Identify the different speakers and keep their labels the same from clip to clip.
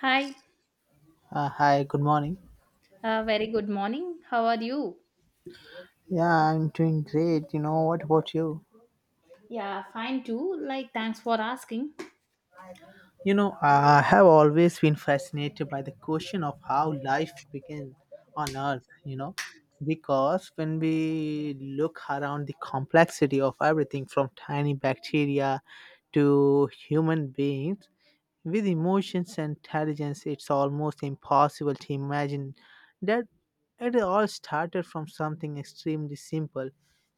Speaker 1: Hi,
Speaker 2: Hi, good morning.
Speaker 1: very good morning. How are you?
Speaker 2: Yeah, I'm doing great. You know, what about you?
Speaker 1: Yeah, fine too. Like, thanks for asking.
Speaker 2: You know, I have always been fascinated by the question of how life began on Earth, you know, because when we look around the complexity of everything from tiny bacteria to human beings, with emotions and intelligence, it's almost impossible to imagine that it all started from something extremely simple,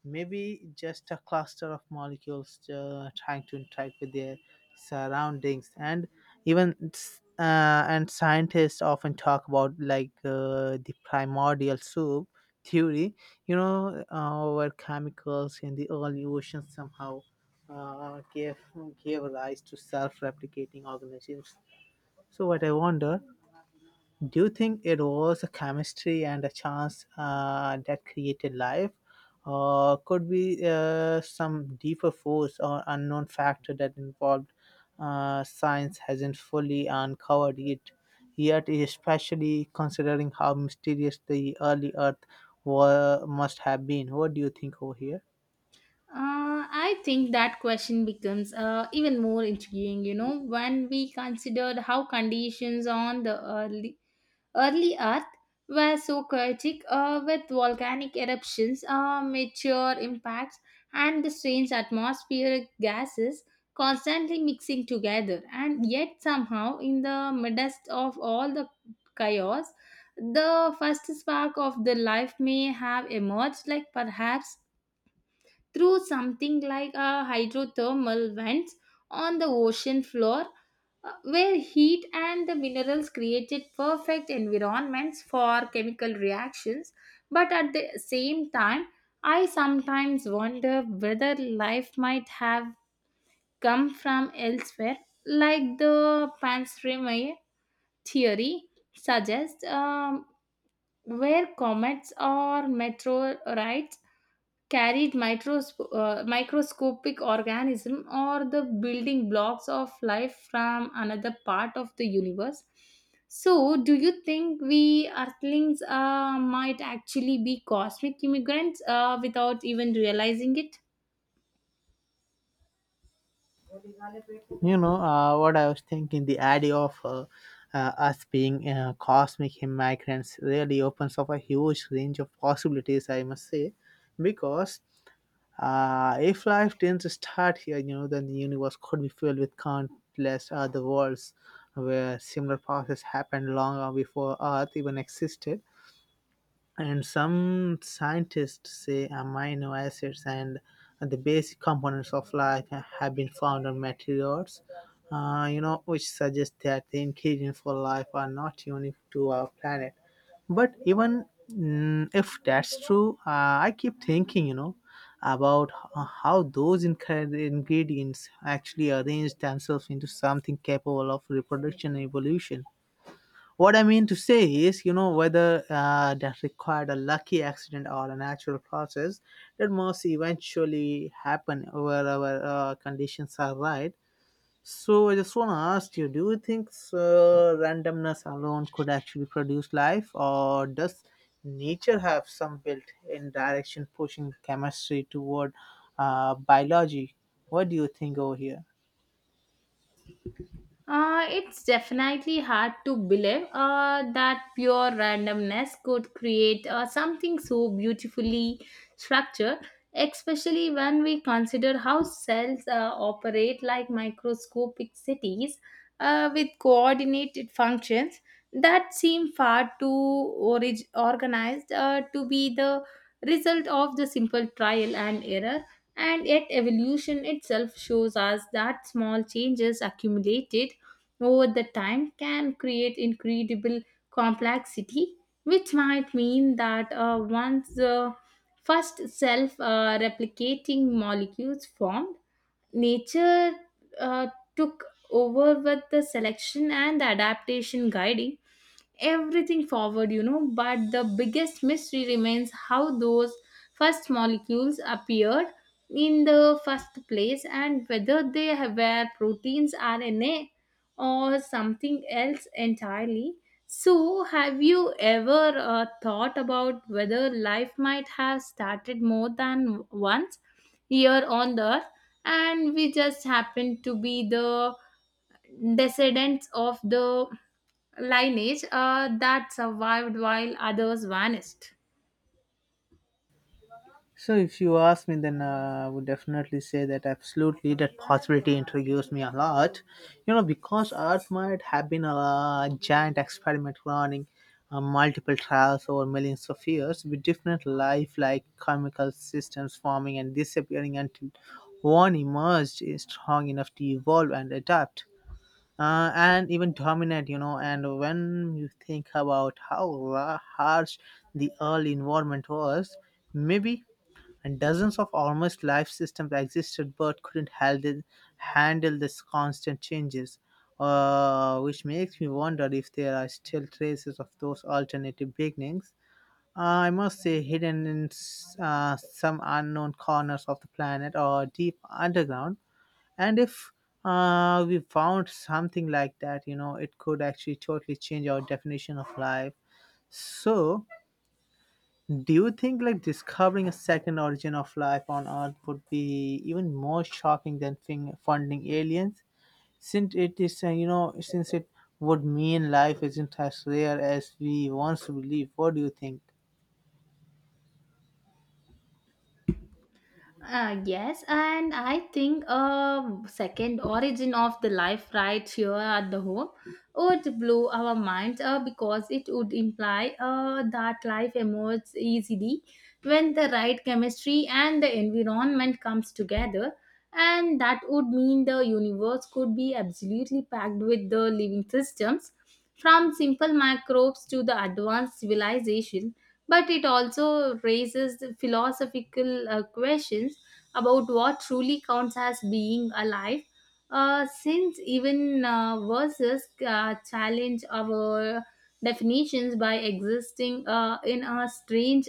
Speaker 2: maybe just a cluster of molecules trying to interact with their surroundings, and and scientists often talk about like the primordial soup theory, you know, where chemicals in the early oceans somehow gave gave rise to self-replicating organisms. So what I wonder, do you think it was a chemistry and a chance that created life? Or could be some deeper force or unknown factor that involved science hasn't fully uncovered it yet, especially considering how mysterious the early Earth must have been? What do you think over here?
Speaker 1: I think that question becomes even more intriguing, you know, when we considered how conditions on the early Earth were so chaotic with volcanic eruptions, meteor impacts, and the strange atmospheric gases constantly mixing together. And yet, somehow, in the midst of all the chaos, the first spark of the life may have emerged, like perhaps through something like a hydrothermal vents on the ocean floor where heat and the minerals created perfect environments for chemical reactions, but at the same time I sometimes wonder whether life might have come from elsewhere, like the panspermia theory suggests, where comets or meteorites carried microscopic organism or the building blocks of life from another part of the universe. So do you think we earthlings might actually be cosmic immigrants without even realizing it?
Speaker 2: You know, what I was thinking? The idea of us being cosmic migrants really opens up a huge range of possibilities, I must say, because if life didn't start here, you know, then the universe could be filled with countless other worlds where similar process happened long before Earth even existed. And some scientists say amino acids and the basic components of life have been found on meteorites, you know, which suggests that the ingredients for life are not unique to our planet. But even if that's true, I keep thinking, you know, about how those ingredients actually arrange themselves into something capable of reproduction and evolution. What I mean to say is, you know, whether that required a lucky accident or a natural process, that must eventually happen wherever conditions are right. So I just want to ask you: do you think randomness alone could actually produce life, or does nature have some built-in direction pushing chemistry toward biology? What do you think over here?
Speaker 1: It's definitely hard to believe that pure randomness could create something so beautifully structured, especially when we consider how cells operate like microscopic cities with coordinated functions that seem far too organized to be the result of the simple trial and error. And yet, evolution itself shows us that small changes accumulated over the time can create incredible complexity, which might mean that once the first self replicating molecules formed, nature uh, took over with the selection and adaptation guiding everything forward, you know. But the biggest mystery remains how those first molecules appeared in the first place and whether were proteins, RNA, or something else entirely. So, have you ever thought about whether life might have started more than once here on the earth and we just happen to be the descendants of the lineage that survived while others vanished.
Speaker 2: So, if you ask me, then I would definitely say that absolutely that possibility intrigues me a lot. You know, because Earth might have been a giant experiment running multiple trials over millions of years with different life like chemical systems forming and disappearing until one emerged is strong enough to evolve and adapt. And even dominate, you know. And when you think about how harsh the early environment was, maybe and dozens of almost life systems existed but couldn't handle, handle these constant changes, which makes me wonder if there are still traces of those alternative beginnings, I must say, hidden in some unknown corners of the planet or deep underground, and if we found something like that, you know, it could actually totally change our definition of life. So do you think like discovering a second origin of life on Earth would be even more shocking than funding aliens? Since it is, you know, since it would mean life isn't as rare as we once believed. What do you think?
Speaker 1: Yes, and I think a second origin of the life right here at the home would blow our minds because it would imply that life emerges easily when the right chemistry and the environment comes together, and that would mean the universe could be absolutely packed with the living systems, from simple microbes to the advanced civilization, but it also raises the philosophical questions about what truly counts as being alive, since even verses challenge our definitions by existing in a strange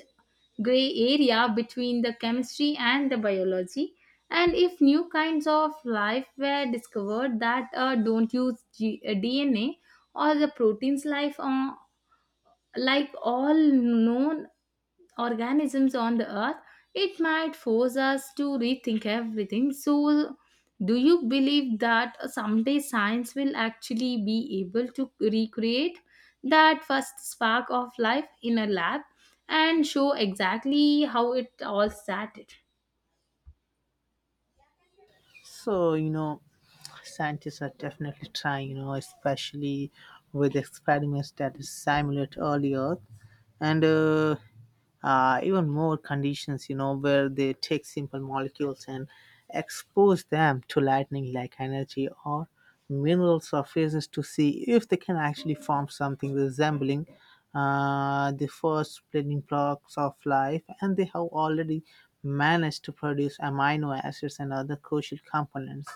Speaker 1: gray area between the chemistry and the biology. And if new kinds of life were discovered that don't use dna or the proteins life on, like all known organisms on the earth, it might force us to rethink everything. So, do you believe that someday science will actually be able to recreate that first spark of life in a lab and show exactly how it all started?
Speaker 2: So, you know, scientists are definitely trying, you know, especially with experiments that simulate early Earth and even more conditions, you know, where they take simple molecules and expose them to lightning like energy or mineral surfaces to see if they can actually form something resembling the first building blocks of life, and they have already managed to produce amino acids and other crucial components,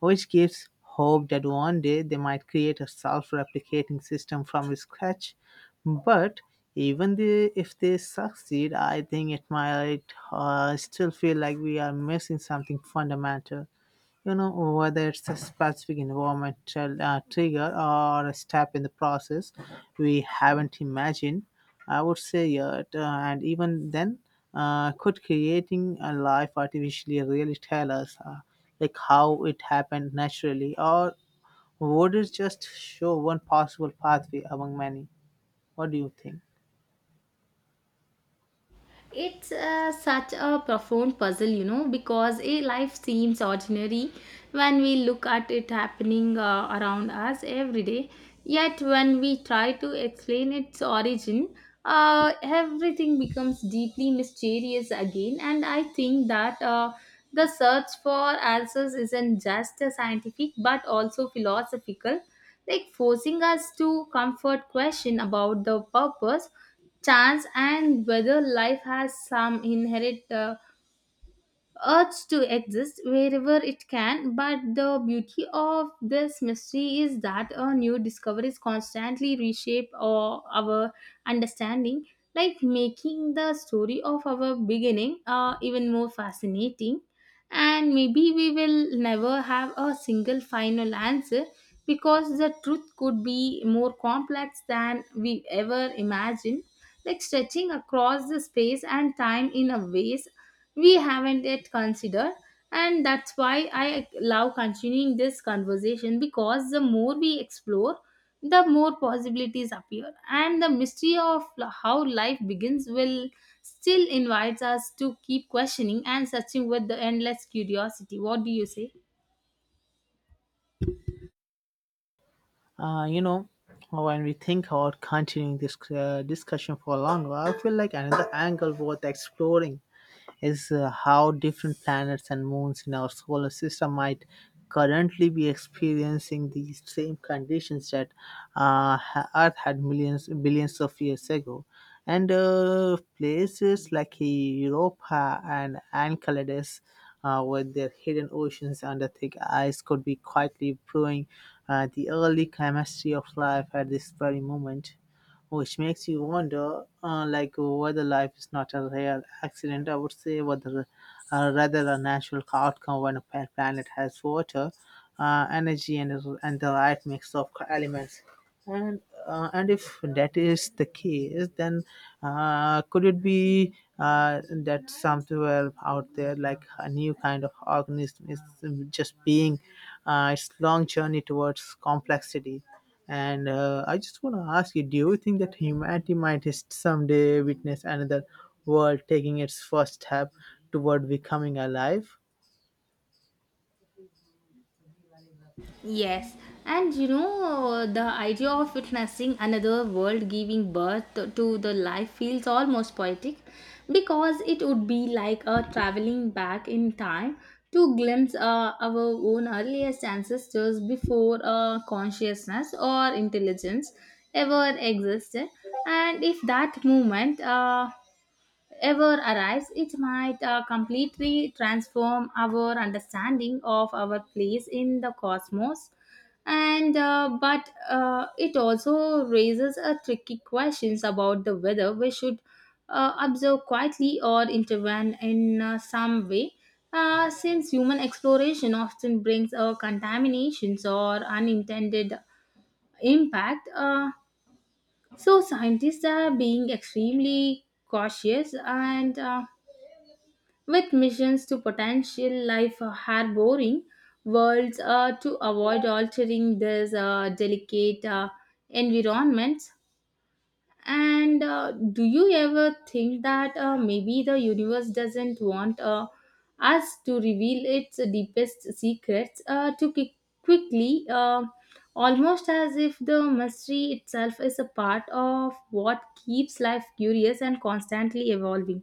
Speaker 2: which gives hope that one day they might create a self replicating system from scratch. But even the, if they succeed, I think it might still feel like we are missing something fundamental, you know, whether it's a specific environmental trigger or a step in the process we haven't imagined, I would say, yet. And even then, could creating a life artificially really tell us like how it happened naturally, or would it just show one possible pathway among many? What do you think?
Speaker 1: It's such a profound puzzle, you know, because a life seems ordinary when we look at it happening around us every day. Yet, when we try to explain its origin, everything becomes deeply mysterious again. And I think that the search for answers isn't just scientific but also philosophical, like forcing us to comfort question about the purpose, chance, and whether life has some inherent urge to exist wherever it can. But the beauty of this mystery is that a new discoveries constantly reshape our understanding, like making the story of our beginning even more fascinating. And maybe we will never have a single final answer because the truth could be more complex than we ever imagined, like stretching across the space and time in a ways we haven't yet considered. And that's why I love continuing this conversation because the more we explore the more possibilities appear, and the mystery of how life begins will still invites us to keep questioning and searching with the endless curiosity. What do you say?
Speaker 2: You know, when we think about continuing this discussion for longer, I feel like another angle worth exploring is how different planets and moons in our solar system might currently be experiencing these same conditions that Earth had millions billions of years ago. And places like Europa and Enceladus, with their hidden oceans under thick ice, could be quietly brewing the early chemistry of life at this very moment, which makes you wonder like whether life is not a real accident, I would say, whether rather a natural outcome when a planet has water, energy and, the right mix of elements, and and if that is the case, then could it be that somewhere out there, like a new kind of organism, is just being its long journey towards complexity? And I just want to ask you: do you think that humanity might just someday witness another world taking its first step toward becoming alive?
Speaker 1: Yes, and you know, the idea of witnessing another world giving birth to the life feels almost poetic because it would be like a traveling back in time to glimpse our own earliest ancestors before consciousness or intelligence ever existed. And if that moment ever arrives, it might completely transform our understanding of our place in the cosmos. And but it also raises a tricky questions about the whether we should observe quietly or intervene in some way. Since human exploration often brings contaminations or unintended impact, so scientists are being extremely cautious and with missions to potential life harboring worlds to avoid altering these delicate environments. And do you ever think that maybe the universe doesn't want us to reveal its deepest secrets too quickly, almost as if the mystery itself is a part of what keeps life curious and constantly evolving?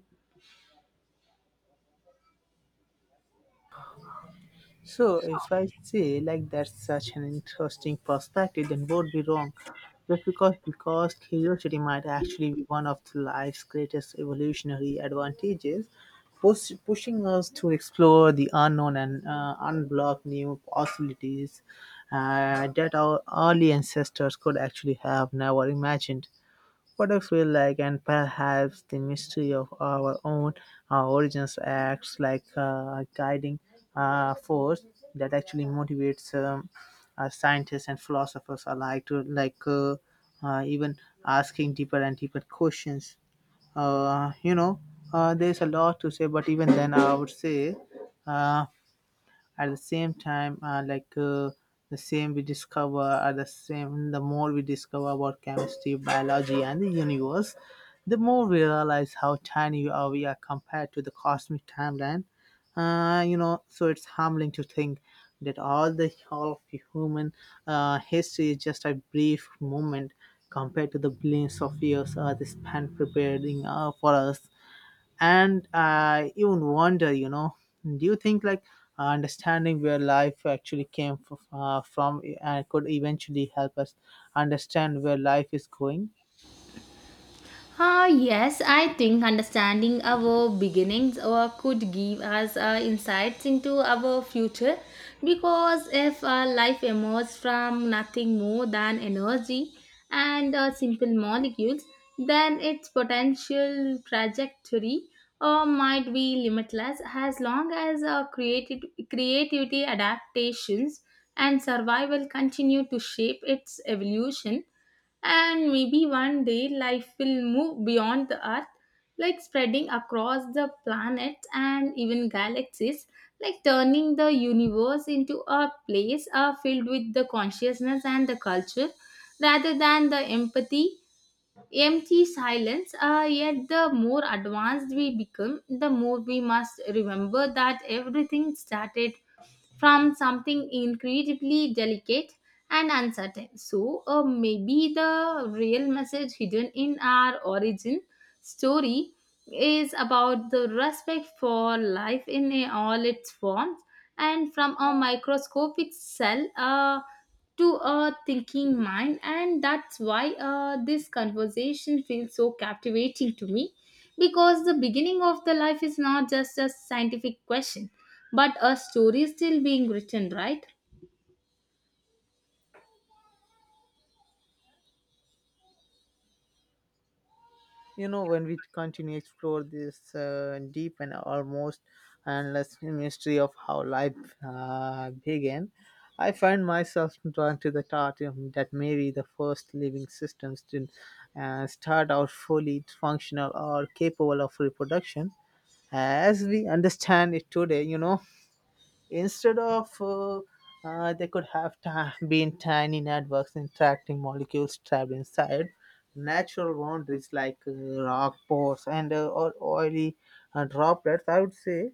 Speaker 2: So, if I say like that's such an interesting perspective, then would be wrong. Just because curiosity might actually be one of the life's greatest evolutionary advantages, pushing us to explore the unknown and unblock new possibilities that our early ancestors could actually have never imagined, what I feel like, and perhaps the mystery of our own origins acts like a guiding force that actually motivates scientists and philosophers alike to even asking deeper and deeper questions. You know, there's a lot to say, but even then, I would say. Uh, at the same time, the same we discover are the same the more we discover about chemistry biology and the universe, the more we realize how tiny are we are compared to the cosmic timeline, you know, so it's humbling to think that all of the human history is just a brief moment compared to the billions of years they spent preparing for us, and I even wonder, you know, do you think like understanding where life actually came from could eventually help us understand where life is going?
Speaker 1: Ah, yes, I think understanding our beginnings or could give us insights into our future because if life emerges from nothing more than energy and simple molecules, then its potential trajectory might be limitless as long as creativity, adaptations, and survival continue to shape its evolution. And maybe one day life will move beyond the earth, like spreading across the planet and even galaxies, like turning the universe into a place filled with the consciousness and the culture rather than the empty silence. Yet, the more advanced we become, the more we must remember that everything started from something incredibly delicate and uncertain. So, maybe the real message hidden in our origin story is about the respect for life in all its forms, and from a microscopic cell to a thinking mind. And that's why this conversation feels so captivating to me, because the beginning of the life is not just a scientific question but a story still being written, right?
Speaker 2: You know, when we continue explore this deep and almost endless mystery of how life began, I find myself drawn to the thought that maybe the first living systems didn't start out fully functional or capable of reproduction as we understand it today, you know. Instead of, they could have been tiny networks interacting molecules trapped inside natural boundaries like rock pores and or oily droplets, I would say,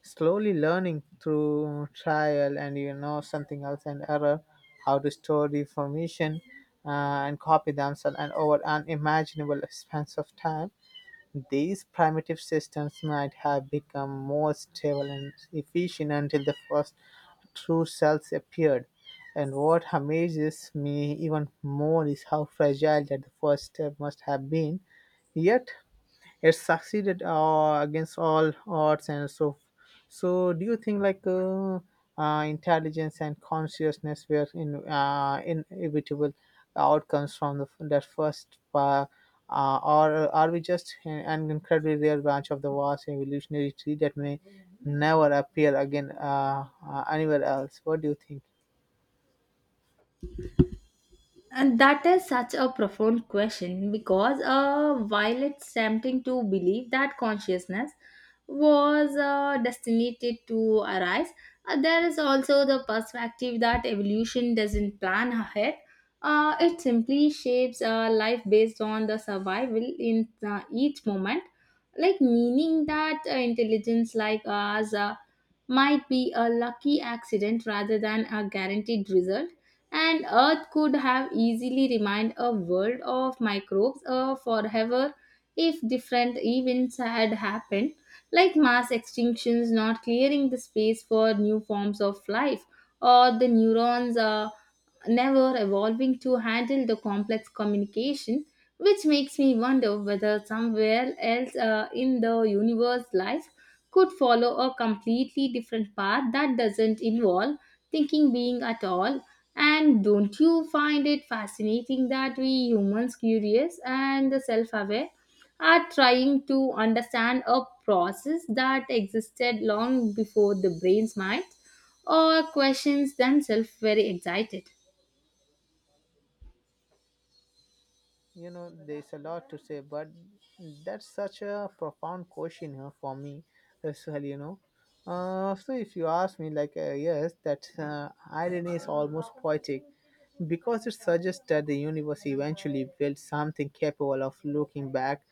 Speaker 2: slowly learning through trial and, you know, something else and error, how to store the information uh, and copy themselves, and over unimaginable expanse of time these primitive systems might have become more stable and efficient until the first true cells appeared. And what amazes me even more is how fragile that the first step must have been. Yet it succeeded against all odds. And so, so do you think like intelligence and consciousness were in inevitable outcomes from the, that first, or are we just an incredibly rare branch of the vast evolutionary tree that may never appear again anywhere else? What do you think?
Speaker 1: And that is such a profound question because while it's tempting to believe that consciousness was destined to arise, there is also the perspective that evolution doesn't plan ahead. It simply shapes life based on the survival in each moment, like meaning that intelligence like ours might be a lucky accident rather than a guaranteed result. And Earth could have easily remained a world of microbes forever if different events had happened, like mass extinctions not clearing the space for new forms of life or the neurons never evolving to handle the complex communication, which makes me wonder whether somewhere else in the universe life could follow a completely different path that doesn't involve thinking being at all. And don't you find it fascinating that we humans, curious and self aware, are trying to understand a process that existed long before the brain's mind or questions themselves very excited?
Speaker 2: You know, there's a lot to say, but that's such a profound question here for me as well, you know. So if you ask me like, yes, that irony is almost poetic, because it suggests that the universe eventually built something capable of looking back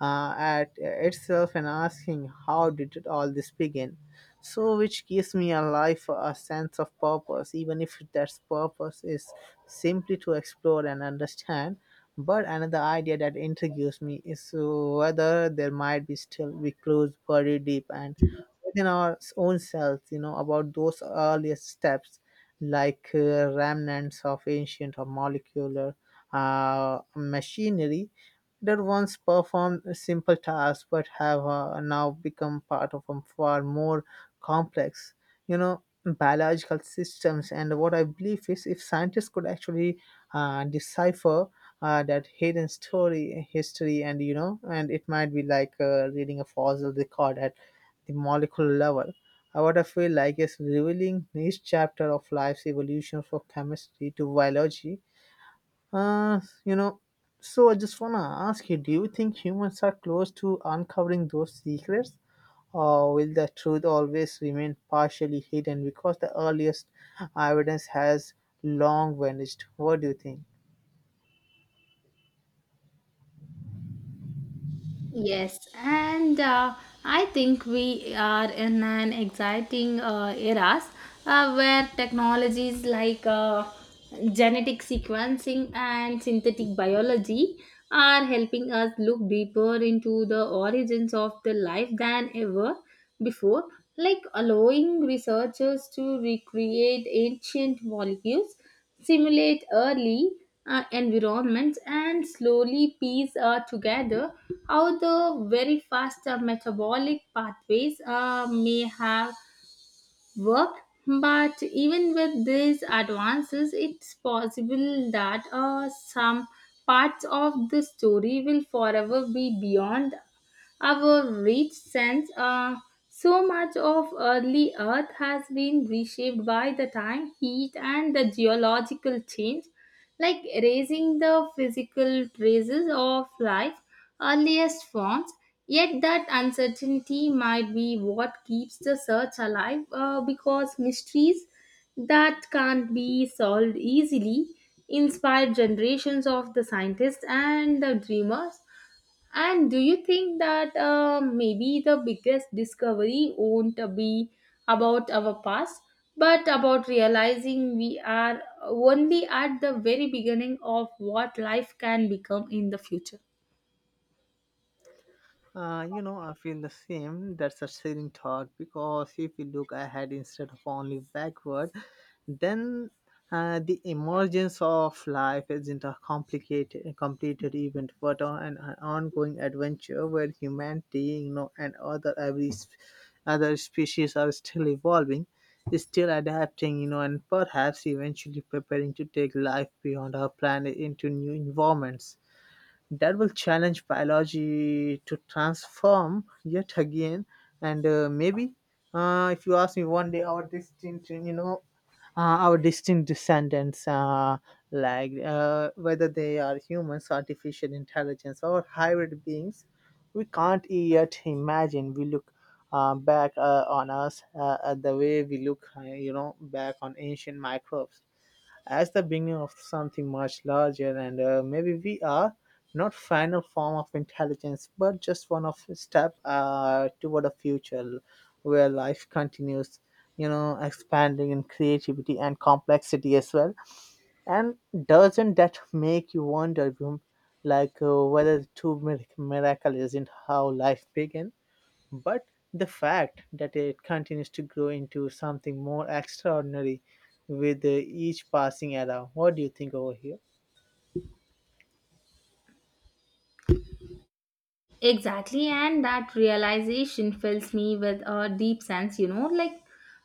Speaker 2: at itself and asking how did it all this begin, so which gives me a life a sense of purpose even if that purpose is simply to explore and understand. But another idea that intrigues me is whether there might be still be clues buried deep and within our own selves, you know, about those earliest steps, like remnants of ancient or molecular machinery that once performed simple tasks but have now become part of a far more complex, you know, biological systems. And what I believe is, if scientists could actually decipher that hidden story history, and, you know, and it might be like reading a fossil record at the molecular level, what I feel like, is revealing each chapter of life's evolution from chemistry to biology, you know. So I just want to ask you, do you think humans are close to uncovering those secrets, or will the truth always remain partially hidden because the earliest evidence has long vanished? What do you think?
Speaker 1: Yes, and I think we are in an exciting eras where technologies like genetic sequencing and synthetic biology are helping us look deeper into the origins of the life than ever before, like allowing researchers to recreate ancient molecules, simulate early environments, and slowly piece together how the very fast metabolic pathways may have work. But even with these advances, it's possible that some parts of the story will forever be beyond our reach, since so much of early Earth has been reshaped by the time, heat, and the geological change, like erasing the physical traces of life's earliest forms. Yet, that uncertainty might be what keeps the search alive because mysteries that can't be solved easily inspired generations of the scientists and the dreamers. And do you think that maybe the biggest discovery won't be about our past, but about realizing we are only at the very beginning of what life can become in the future?
Speaker 2: You know, I feel the same. That's a silly thought because if you look ahead instead of only backward, then the emergence of life isn't a complicated, completed event, but an ongoing adventure where humanity, and other every other species are still evolving, is still adapting, and perhaps eventually preparing to take life beyond our planet into new environments that will challenge biology to transform yet again and maybe if you ask me one day our distinct our distinct descendants like whether they are humans, artificial intelligence, or hybrid beings we can't yet imagine. We look back on us at the way we look, back on ancient microbes as the beginning of something much larger. And maybe we are not final form of intelligence but just one of step toward a future where life continues, expanding in creativity and complexity as well. And doesn't that make you wonder, Vyom, like whether the true miracle isn't how life began, but the fact that it continues to grow into something more extraordinary with each passing era. What do you think over here?
Speaker 1: Exactly, and that realization fills me with a deep sense, you know, like,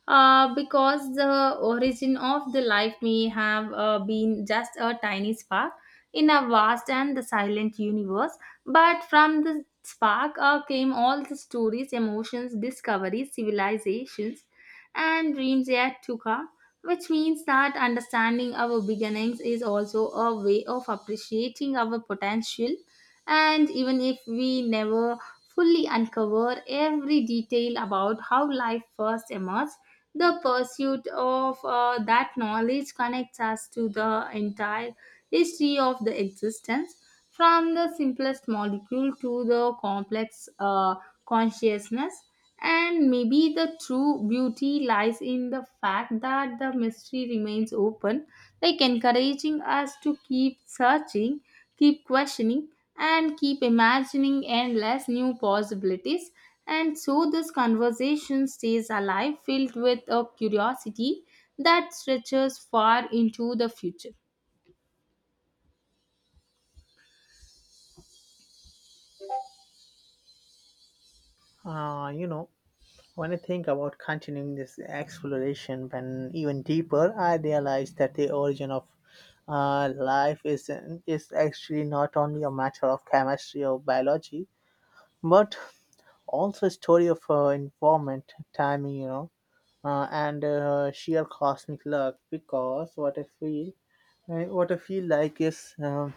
Speaker 1: because the origin of the life may have been just a tiny spark in a vast and the silent universe, but from the spark came all the stories, emotions, discoveries, civilizations, and dreams yet to come. Which means that understanding our beginnings is also a way of appreciating our potential. And even if we never fully uncover every detail about how life first emerged, the pursuit of that knowledge connects us to the entire history of the existence, from the simplest molecule to the complex consciousness. And maybe the true beauty lies in the fact that the mystery remains open, like encouraging us to keep searching, keep questioning, and keep imagining endless new possibilities. And so this conversation stays alive, filled with a curiosity that stretches far into the future.
Speaker 2: Uh, you know, when I think about continuing this exploration when even deeper, I realize that the origin of life is actually not only a matter of chemistry or biology, but also a story of environment, timing, and sheer cosmic luck. Because what I feel like is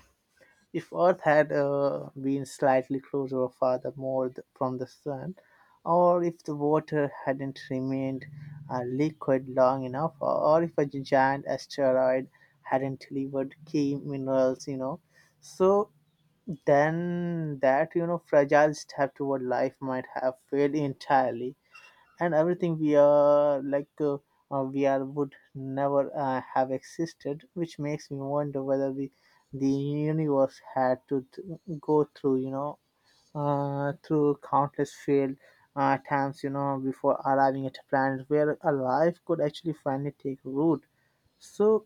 Speaker 2: if Earth had been slightly closer or farther from the sun, or if the water hadn't remained liquid long enough, or if a giant asteroid hadn't delivered key minerals, so then that fragile step toward life might have failed entirely, and everything we are, we are, would never have existed, which makes me wonder whether we the universe had to go through, through countless failed times, before arriving at a planet where a life could actually finally take root. So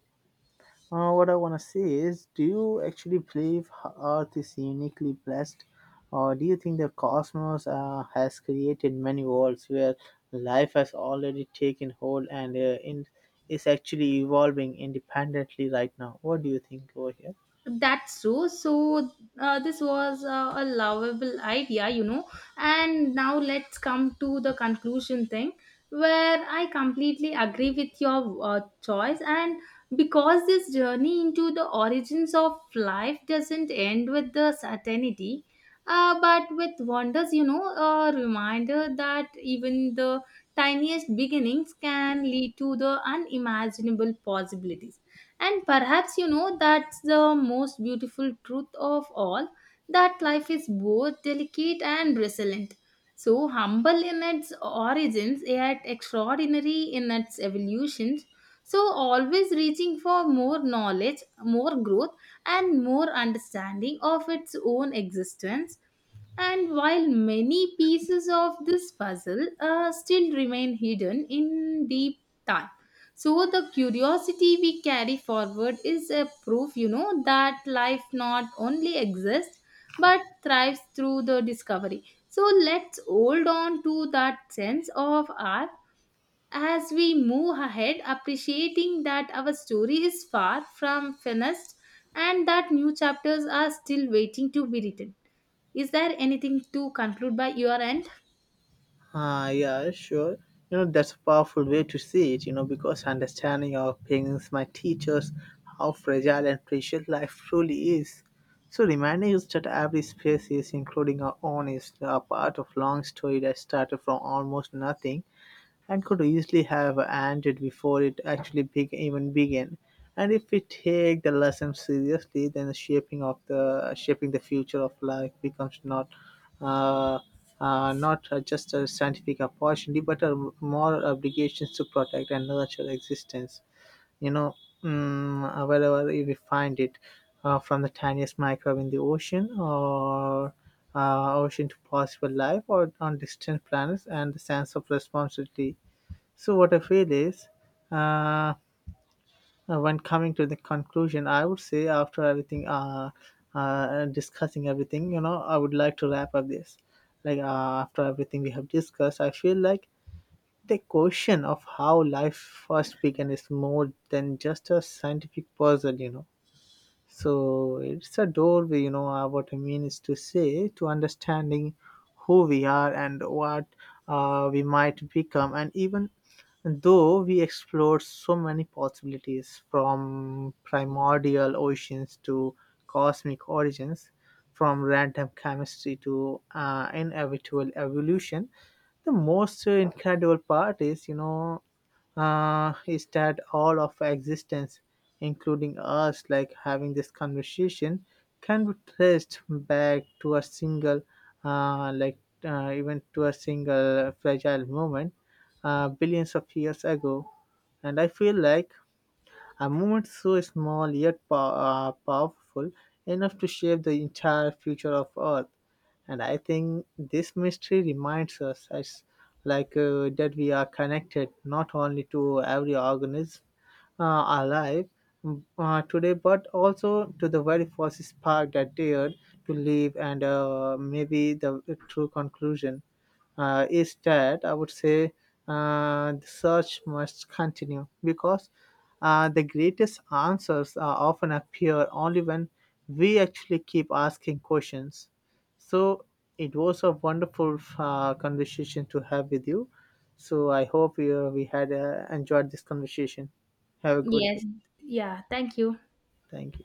Speaker 2: what I want to say is, do you actually believe Earth is uniquely blessed, or do you think the cosmos has created many worlds where life has already taken hold and is actually evolving independently right now? What do you think over here?
Speaker 1: That's true. So, this was a lovable idea, you know. And now let's come to the conclusion thing where I completely agree with your choice. And because this journey into the origins of life doesn't end with the certainty, but with wonders, you know, a reminder that even the tiniest beginnings can lead to the unimaginable possibilities. And perhaps you know that's the most beautiful truth of all, that life is both delicate and resilient. So humble in its origins, yet extraordinary in its evolutions. So always reaching for more knowledge, more growth, and more understanding of its own existence. And while many pieces of this puzzle still remain hidden in deep time, so the curiosity we carry forward is a proof, you know, that life not only exists but thrives through the discovery. So let's hold on to that sense of awe as we move ahead, appreciating that our story is far from finished and that new chapters are still waiting to be written. Is there anything to conclude by your end?
Speaker 2: Ah, yeah, sure. You know, that's a powerful way to see it, you know, because understanding our opinions might teach us how fragile and precious life truly is. So, reminding us that every species, including our own, is a part of long story that started from almost nothing and could easily have ended before it actually even began. And if we take the lesson seriously, then the shaping the future of life becomes uh, not just a scientific opportunity, but a moral obligations to protect and nurture existence. You know, mm, wherever we find it, from the tiniest microbe in the ocean or ocean to possible life or on distant planets and the sense of responsibility. So what I feel is, uh, when coming to the conclusion, I would say after discussing everything, you know, I would like to wrap up this. Like after everything we have discussed, I feel like the question of how life first began is more than just a scientific puzzle, you know, so it's a doorway, you know, what I mean is to say, to understanding who we are and what we might become. And even though we explored so many possibilities, from primordial oceans to cosmic origins, from random chemistry to inevitable evolution, the most incredible part is, is that all of existence, including us, like having this conversation, can be traced back to a single, like even to a single fragile moment billions of years ago. And I feel like a moment so small yet powerful enough to shape the entire future of Earth. And I think this mystery reminds us as like that we are connected not only to every organism alive, today, but also to the very first spark that dared to live. And maybe the true conclusion is that, I would say, the search must continue, because the greatest answers often appear only when we actually keep asking questions. So it was a wonderful conversation to have with you. So I hope we had enjoyed this conversation. Have a good day.
Speaker 1: Yes, yeah, thank you.
Speaker 2: Thank you.